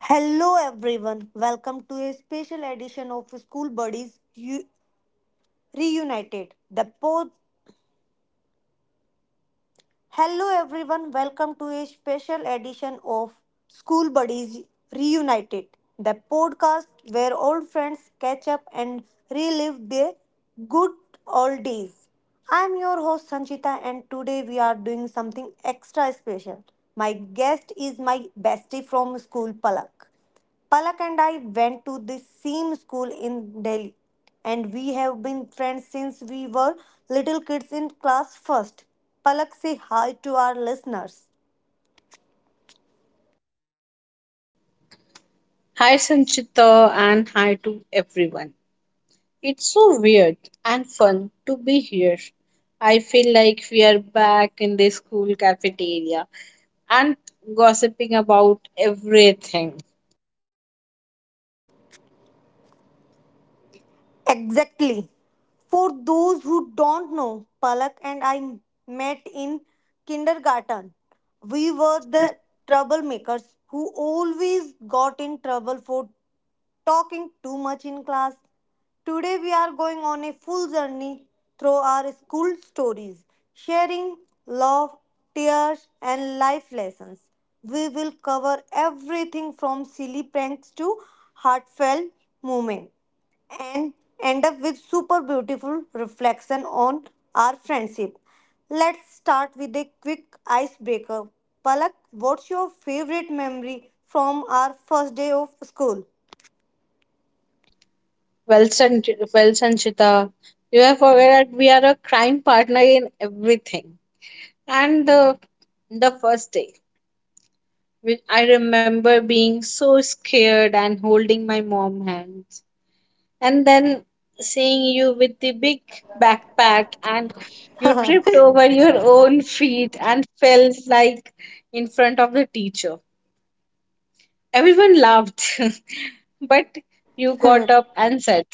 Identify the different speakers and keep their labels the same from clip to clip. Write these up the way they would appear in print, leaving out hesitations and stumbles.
Speaker 1: Hello everyone, welcome to a special edition of Reunited. The pod. Hello everyone, welcome to a special edition of School Buddies Reunited, the podcast where old friends catch up and relive their good old days. I'm your host Sanchita, and today we are doing something extra special. My guest is my bestie from school, Palak. Palak and I went to the same school in Delhi, and we have been friends since we were little kids in class first. Palak, say hi to our listeners.
Speaker 2: Hi Sanchita and hi to everyone. It's so weird and fun to be here. I feel like we are back in the school cafeteria and gossiping about everything.
Speaker 1: Exactly. For those who don't know, Palak and I met in kindergarten. We were
Speaker 2: Well,
Speaker 1: the troublemakers who always got in trouble for talking too much in class. Today we are going on a full journey through our school stories, sharing love, tears, and life lessons. We will cover everything from silly pranks to heartfelt moments and end up with super beautiful reflection on our friendship. Let's start with a quick icebreaker. Palak, what's your favorite memory from our first day of school?
Speaker 2: well Sanchita, you have forgot that we are a crime partner in everything. And the, the first day, which I remember being so scared and holding my mom's hand. And then seeing you with the big backpack and you tripped over your own feet and fell like in front of the teacher. Everyone laughed, but you got up and said,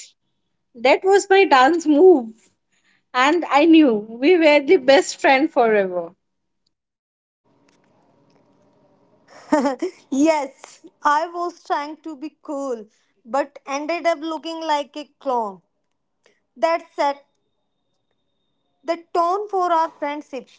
Speaker 2: "That was my dance move." And I knew we were the best friend forever.
Speaker 1: Yes, I was trying to be cool, but ended up looking like a clown. That set the tone for our friendship.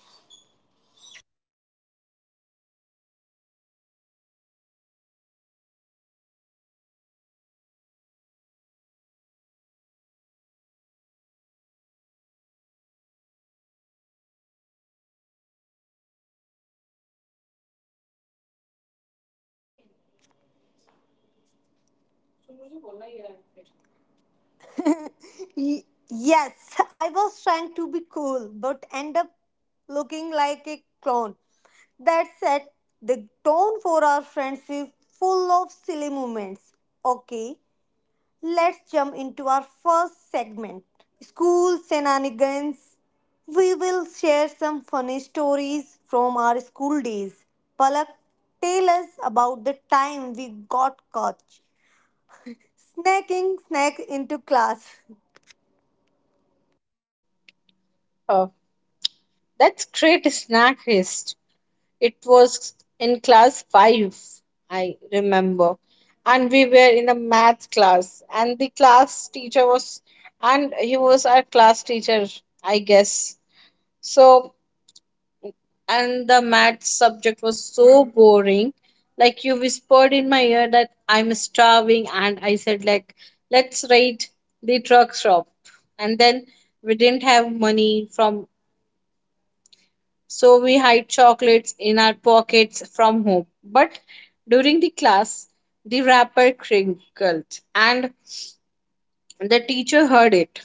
Speaker 1: Y- yes, I was trying to be cool, but end up looking like a clown. That set the tone for our friendship, full of silly moments. Okay. Let's jump into our first segment school shenanigans. We will share some funny stories from our school days. Palak, tell us about the time we got caught snacking snacks into class.
Speaker 2: Oh, that's great snack list. It was in class 5, I remember. And we were in a math class. And he was our class teacher, I guess. So, and the math subject was so boring. Like you whispered in my ear that I'm starving. And I said, like, let's raid the truck shop. And then we didn't have money from. So we hide chocolates in our pockets from home. But during the class, the wrapper crinkled and the teacher heard it.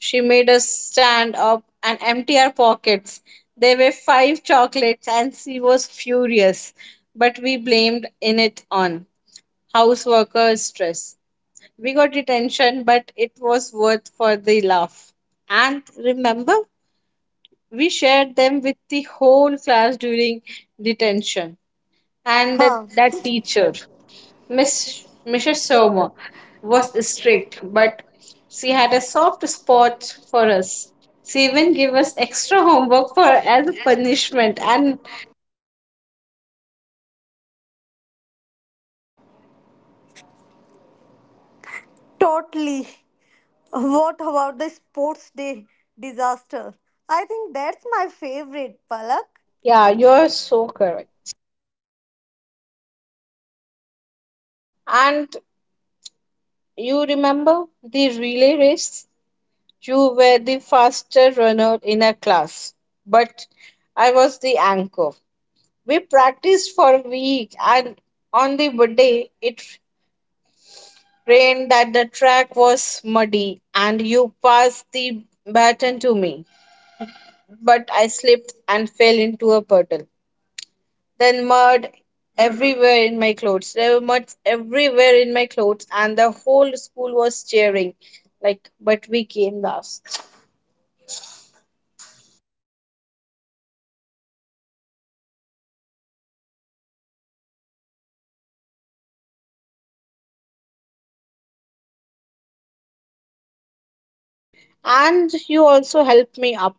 Speaker 2: She made us stand up and empty our pockets. There were five chocolates and she was furious. But we blamed in it on house worker stress. We got detention, but it was worth for the laugh. And remember, we shared them with the whole class during detention, and that,
Speaker 1: Huh.
Speaker 2: that teacher Miss Mrs. Soma was strict but she had a soft spot for us. She even gave us extra homework for as a punishment and
Speaker 1: Totally. What about the sports day disaster? I think that's my favorite, Palak.
Speaker 2: yeah, you're so correct. And you remember the relay race, you were the faster runner in a class, but I was the anchor. We practiced for a week, and on the day it rained that the track was muddy, and you passed the baton to me. But I slipped and fell into a puddle. Then mud everywhere in my clothes. There were muds everywhere in my clothes, and the whole school was cheering. Like, but we came last. And you also helped me up.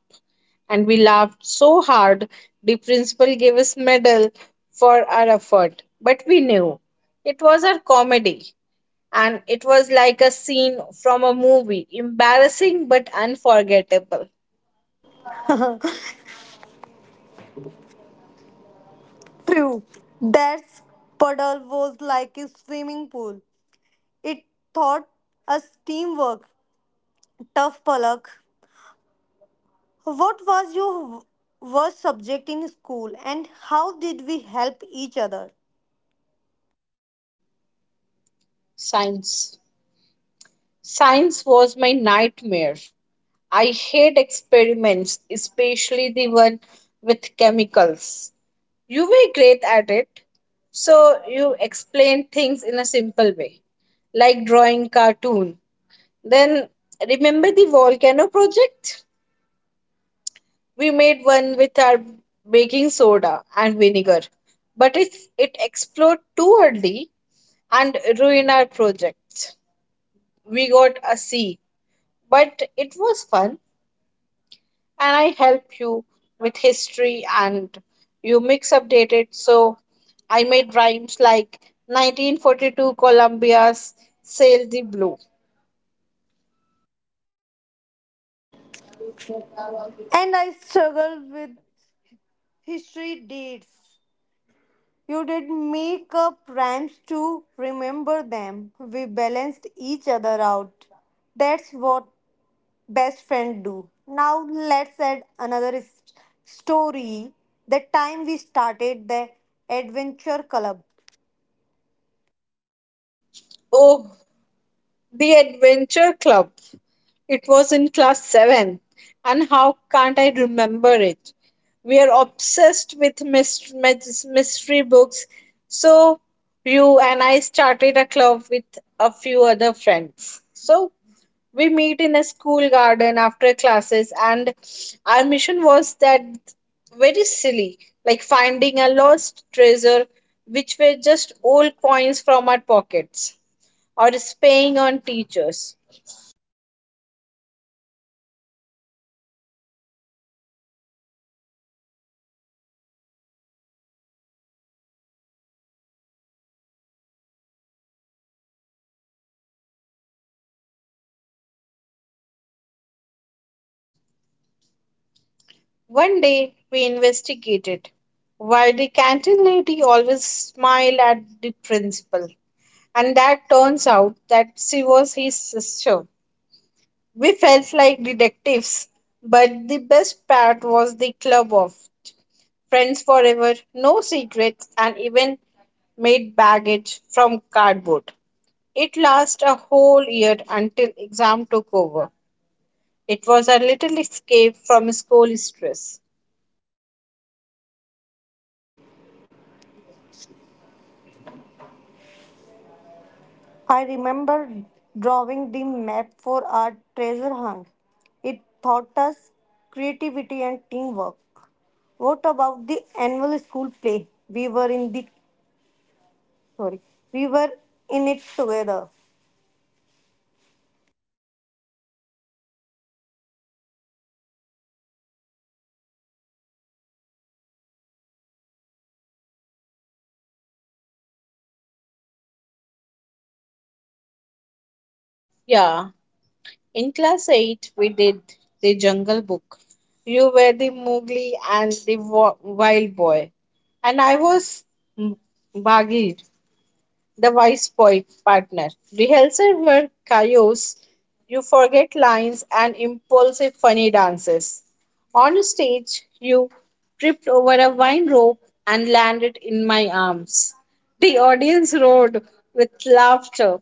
Speaker 2: And we laughed so hard, the principal gave us medal for our effort. But we knew it was our comedy. And it was like a scene from a movie, embarrassing but unforgettable.
Speaker 1: True. That puddle was like a swimming pool. It taught us teamwork, tough palak. What was your worst subject in school and how did we help each other?
Speaker 2: Science. Science was my nightmare. I hate experiments, especially the one with chemicals. You were great at it, so you explained things in a simple way, like drawing cartoon. Then remember the volcano project? We made one with our baking soda and vinegar, but it exploded too early and ruined our project. We got a C, but it was fun. And I help you with history and you mix update it. So I made rhymes like 1942 Columbia's Sail the Blue.
Speaker 1: And I struggled with history dates. You did make up rhymes to remember them. We balanced each other out. That's what best friend do. Now let's add another story. The time we started the adventure club.
Speaker 2: Oh, the Adventure Club. It was in class 7. And how can't I remember it? We are obsessed with mystery books. So you and I started a club with a few other friends. So we meet in a school garden after classes, and our mission was that very silly, like finding a lost treasure, which were just old coins from our pockets, or spying on teachers. One day we investigated why the canteen lady always smiled at the principal, and that turns out that she was his sister. We felt like detectives, but the best part was the club of Friends Forever, No Secrets, and even made baggage from cardboard. It lasted a whole year until exam took over. It was a little escape from school stress.
Speaker 1: I remember drawing the map for our treasure hunt. It taught us creativity and teamwork. What about the annual school play? We were in sorry, we were in it together.
Speaker 2: Yeah, in class 8 we did The Jungle Book. You were the Mowgli and the wild boy and I was M- Bagheera. The vice poet partner. Rehearsals were chaos, you forget lines and impulsive funny dances. On stage, you tripped over a vine rope and landed in my arms. The audience roared with laughter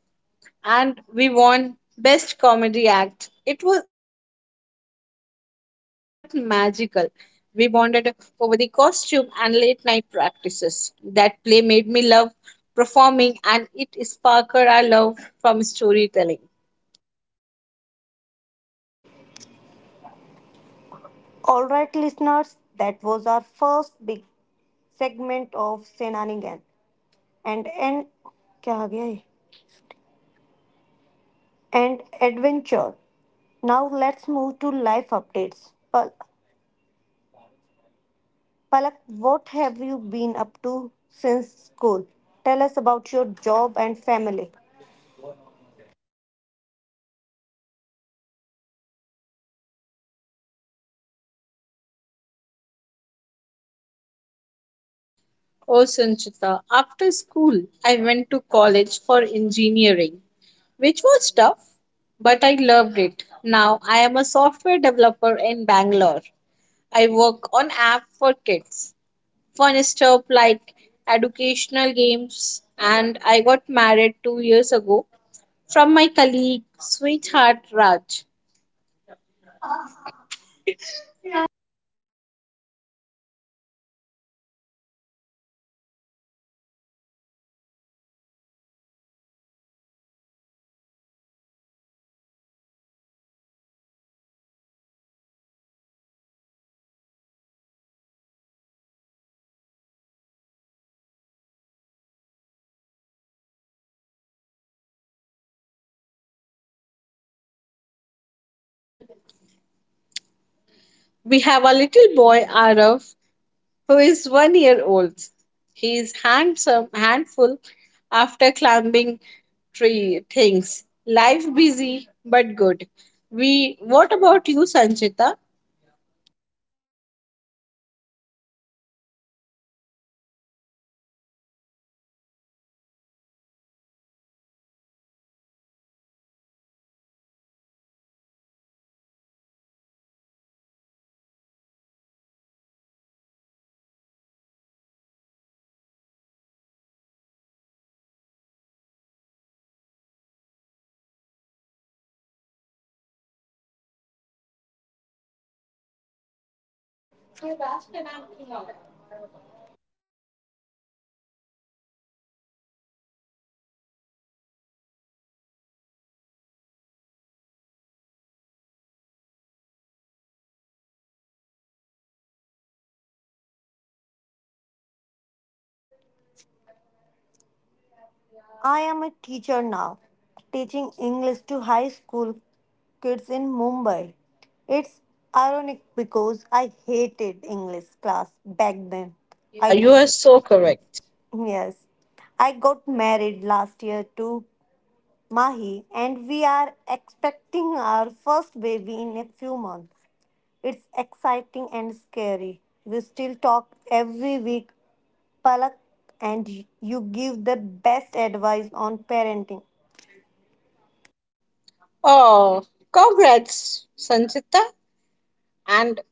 Speaker 2: and we won Best Comedy Act. It was embarrassing but magical. We bonded over the costume and late night practices. That play made me love performing and it sparked our love from storytelling.
Speaker 1: All right, listeners, that was our first big segment of Senanigan and क्या आ गया ये? And adventure. Now let's move to life updates. Palak, what have you been up to since school? Tell us about your job and family.
Speaker 2: Oh, Sanchita, after school, I went to college for engineering, which was tough, but I loved it. Now I am a software developer in Bangalore. I work on app for kids fun stuff like educational games. And I got married two years ago from my colleague sweetheart Raj. We have a little boy, Arav, who is one year old. He is handsome handful after climbing tree things. Life busy but good. We, what about you Sanchita?
Speaker 1: I am a teacher now, teaching English to high school kids in Mumbai. It's ironic because I hated English class back then.
Speaker 2: Yeah,
Speaker 1: I
Speaker 2: you are so correct.
Speaker 1: yes, I got married last year to Mahi, and we are expecting our first baby in a few months. It's exciting and scary. We still talk every week, Palak, and you give the best advice on parenting.
Speaker 2: Oh, congrats Sanchita. And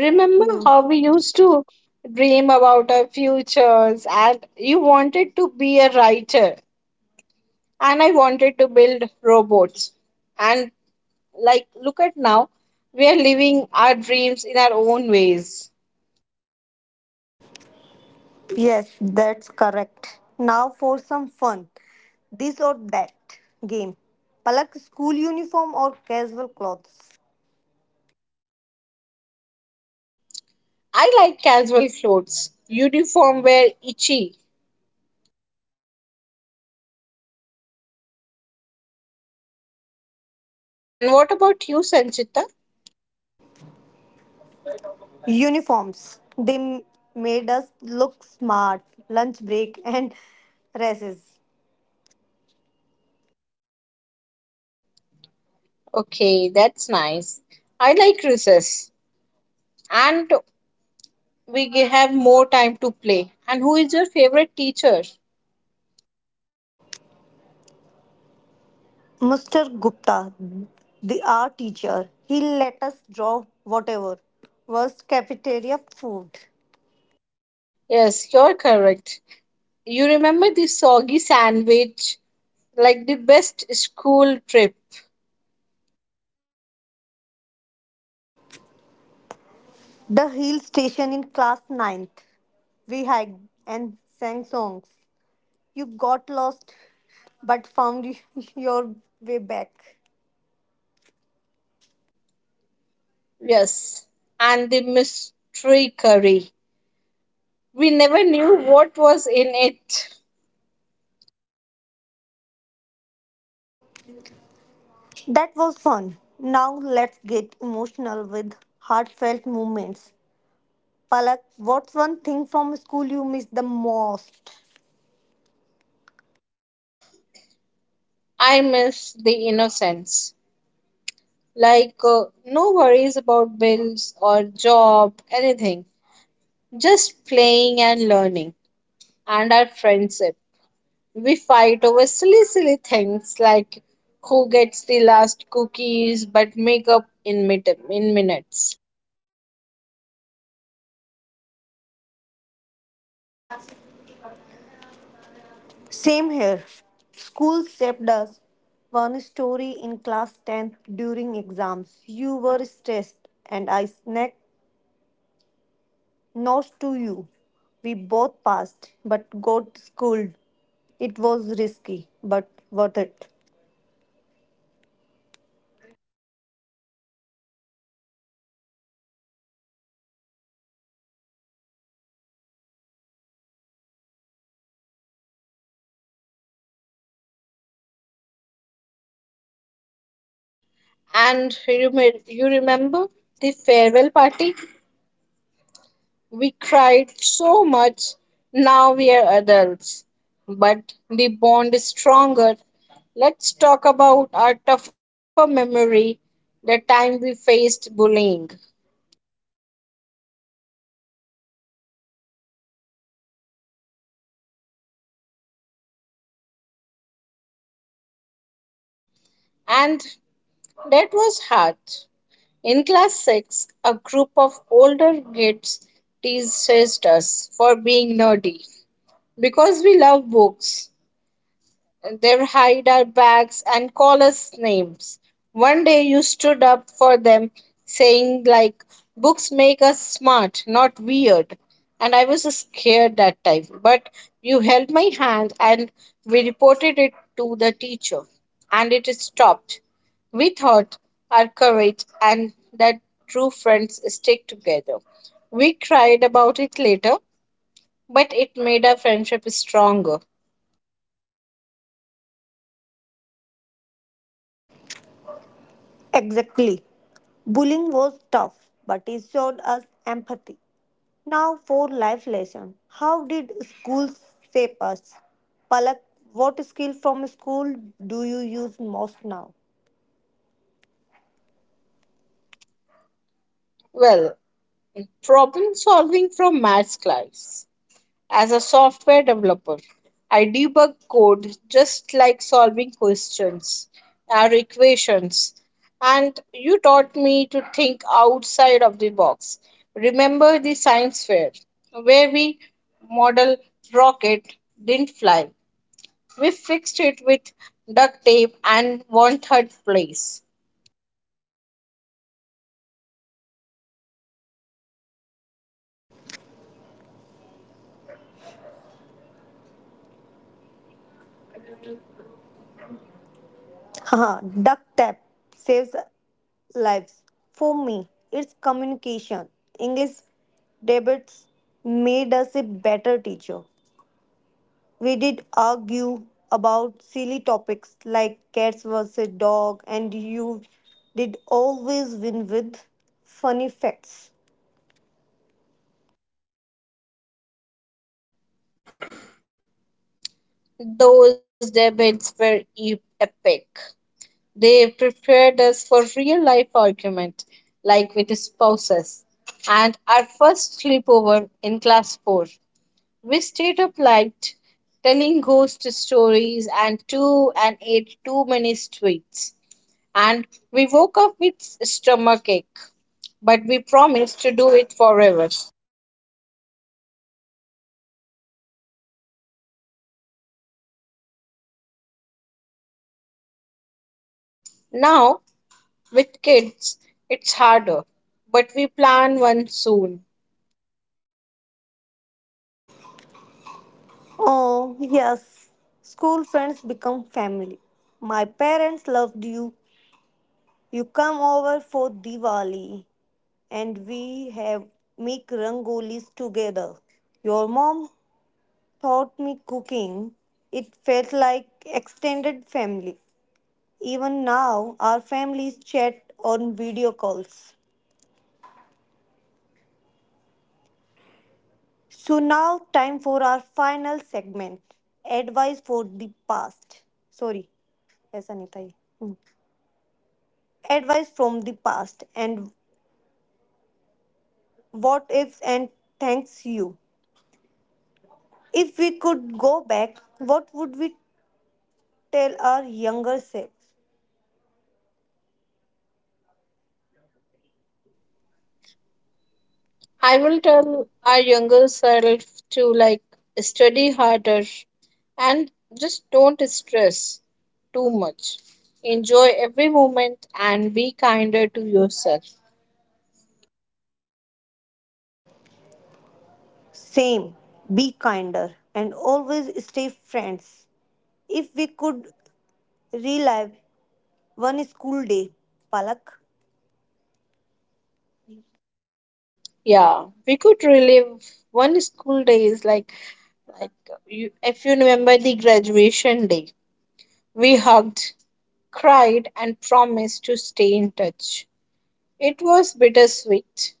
Speaker 1: Thank you.
Speaker 2: how we used to dream about our futures, and you wanted to be a writer, and I wanted to build robots. And like, look at now, we are living our dreams in our own ways.
Speaker 1: Yes, that's correct. Now for some fun. This or that game. Palak, school uniform or casual clothes?
Speaker 2: I like casual clothes, uniform wear itchy. And what about you, Sanchita?
Speaker 1: Uniforms. They made us look smart, lunch break, and races.
Speaker 2: Okay, that's nice. I like recess, and we have more time to play. And who is your favorite teacher?
Speaker 1: Mr. Gupta, the art teacher, he let us draw whatever was cafeteria food.
Speaker 2: Yes, you're correct. You remember the soggy sandwich, like the best school trip.
Speaker 1: The hill station in class ninth. We hiked and sang songs. You got lost but found your way back.
Speaker 2: Yes, and the mystery curry. We never knew what was in it.
Speaker 1: That was fun. Now let's get emotional with heartfelt moments. Palak, what's one thing from school you miss the most?
Speaker 2: I miss the innocence. Like, no worries about bills or job, anything. Just playing and learning, and our friendship. We fight over silly, silly things like who gets the last cookies but make up in, in minutes.
Speaker 1: Same here. School saved us. One story in class 10 during exams. You were stressed and I snapped nose to you. We both passed but got schooled. It was risky but worth it.
Speaker 2: And you, may, you remember the farewell party? We cried so much. Now we are adults, but the bond is stronger. Let's talk about our tougher memory, the time we faced bullying. And that was hard. In class 6, a group of older kids teased us for being nerdy because we love books. They hide our bags and call us names. One day you stood up for them, saying, like, books make us smart, not weird. And I was scared that time. But you held my hand and we reported it to the teacher. And it stopped. We thought our courage and that true friends stick together. We cried about it later, but it made our friendship stronger.
Speaker 1: Exactly. Bullying was tough but it showed us empathy. Now for life lesson. How did schools shape us? Palak, what skill from school do you use most now?
Speaker 2: Well, problem solving from maths class. As a software developer, I debug code just like solving questions or equations. And you taught me to think outside of the box. Remember the science fair where we model rocket didn't fly. We fixed it with duct tape and one third place.
Speaker 1: Haha, duct tape saves lives. For me, it's communication. English debates made us a better teacher. We did argue about silly topics like cats versus dog, and you did always win with funny facts.
Speaker 2: Those debates were epic. They prepared us for real life argument, like with spouses. And our first sleepover in class 4, we stayed up late telling ghost stories and two and ate too many sweets. And we woke up with stomach ache, but we promised to do it forever. Now, with kids, it's harder, but we plan one soon.
Speaker 1: Oh, yes. School friends become family. My parents loved you. You come over for Diwali and we have make rangolis together. Your mom taught me cooking. It felt like extended family. Even now our families chat on video calls. So now time for our final segment. Advice for the past. Sorry, ऐसा नहीं था ये. Advice from the past and what ifs and thanks you. If we could go back, what would we tell our younger selves?
Speaker 2: I will tell our younger self to like study harder and just don't stress too much. Enjoy every moment and be kinder to yourself.
Speaker 1: Same, be kinder and always stay friends. If we could relive one school day, Palak,
Speaker 2: Yeah, we could relive one school day is like you, if you remember the graduation day, we hugged, cried, and promised to stay in touch. It was bittersweet,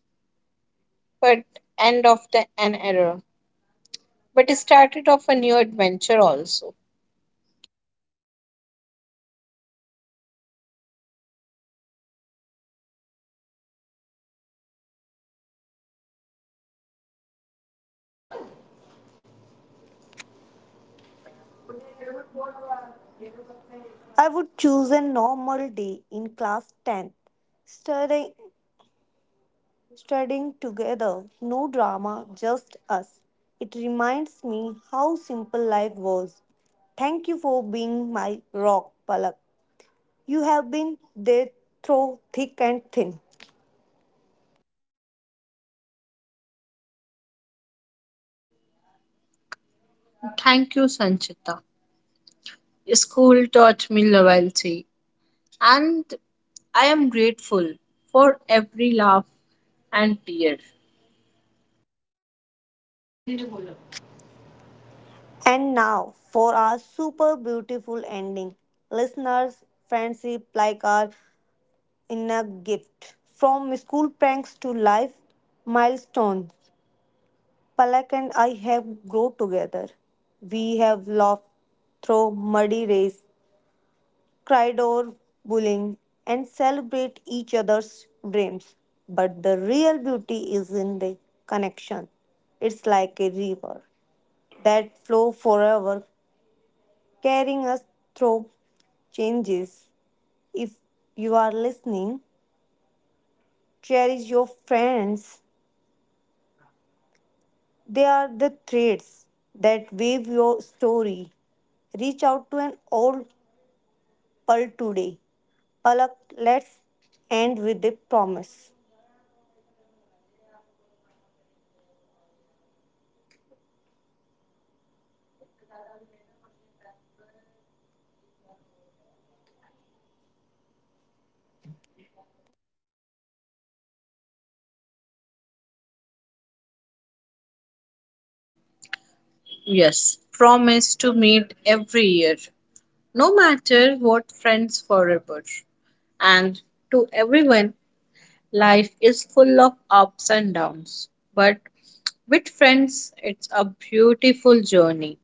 Speaker 2: but end of the an era. But started off a new adventure also.
Speaker 1: I would choose a normal day in class 10th, studying studying together, no drama, just us. It reminds me how simple life was. Thank you for being my rock, Palak. You have been there through thick and thin.
Speaker 2: Thank you, Sanchita. School taught me loyalty, and I am grateful for every laugh and tear.
Speaker 1: And now for our super beautiful ending. Listeners, friendship like our inner gift. From school pranks to life milestones, Palak and I have grown together. We have laughed through muddy race cried over bullying, and celebrate each other's dreams. But the real beauty is in the connection. It's like a river that flows forever, carrying us through changes. If you are listening, cherish your friends. They are the threads that weave your story. Reach out to an old pal today. Palak, let's end with a promise.
Speaker 2: Yes, promise to meet every year, no matter what, friends forever. And to everyone, life is full of ups and downs, but with friends, it's a beautiful journey.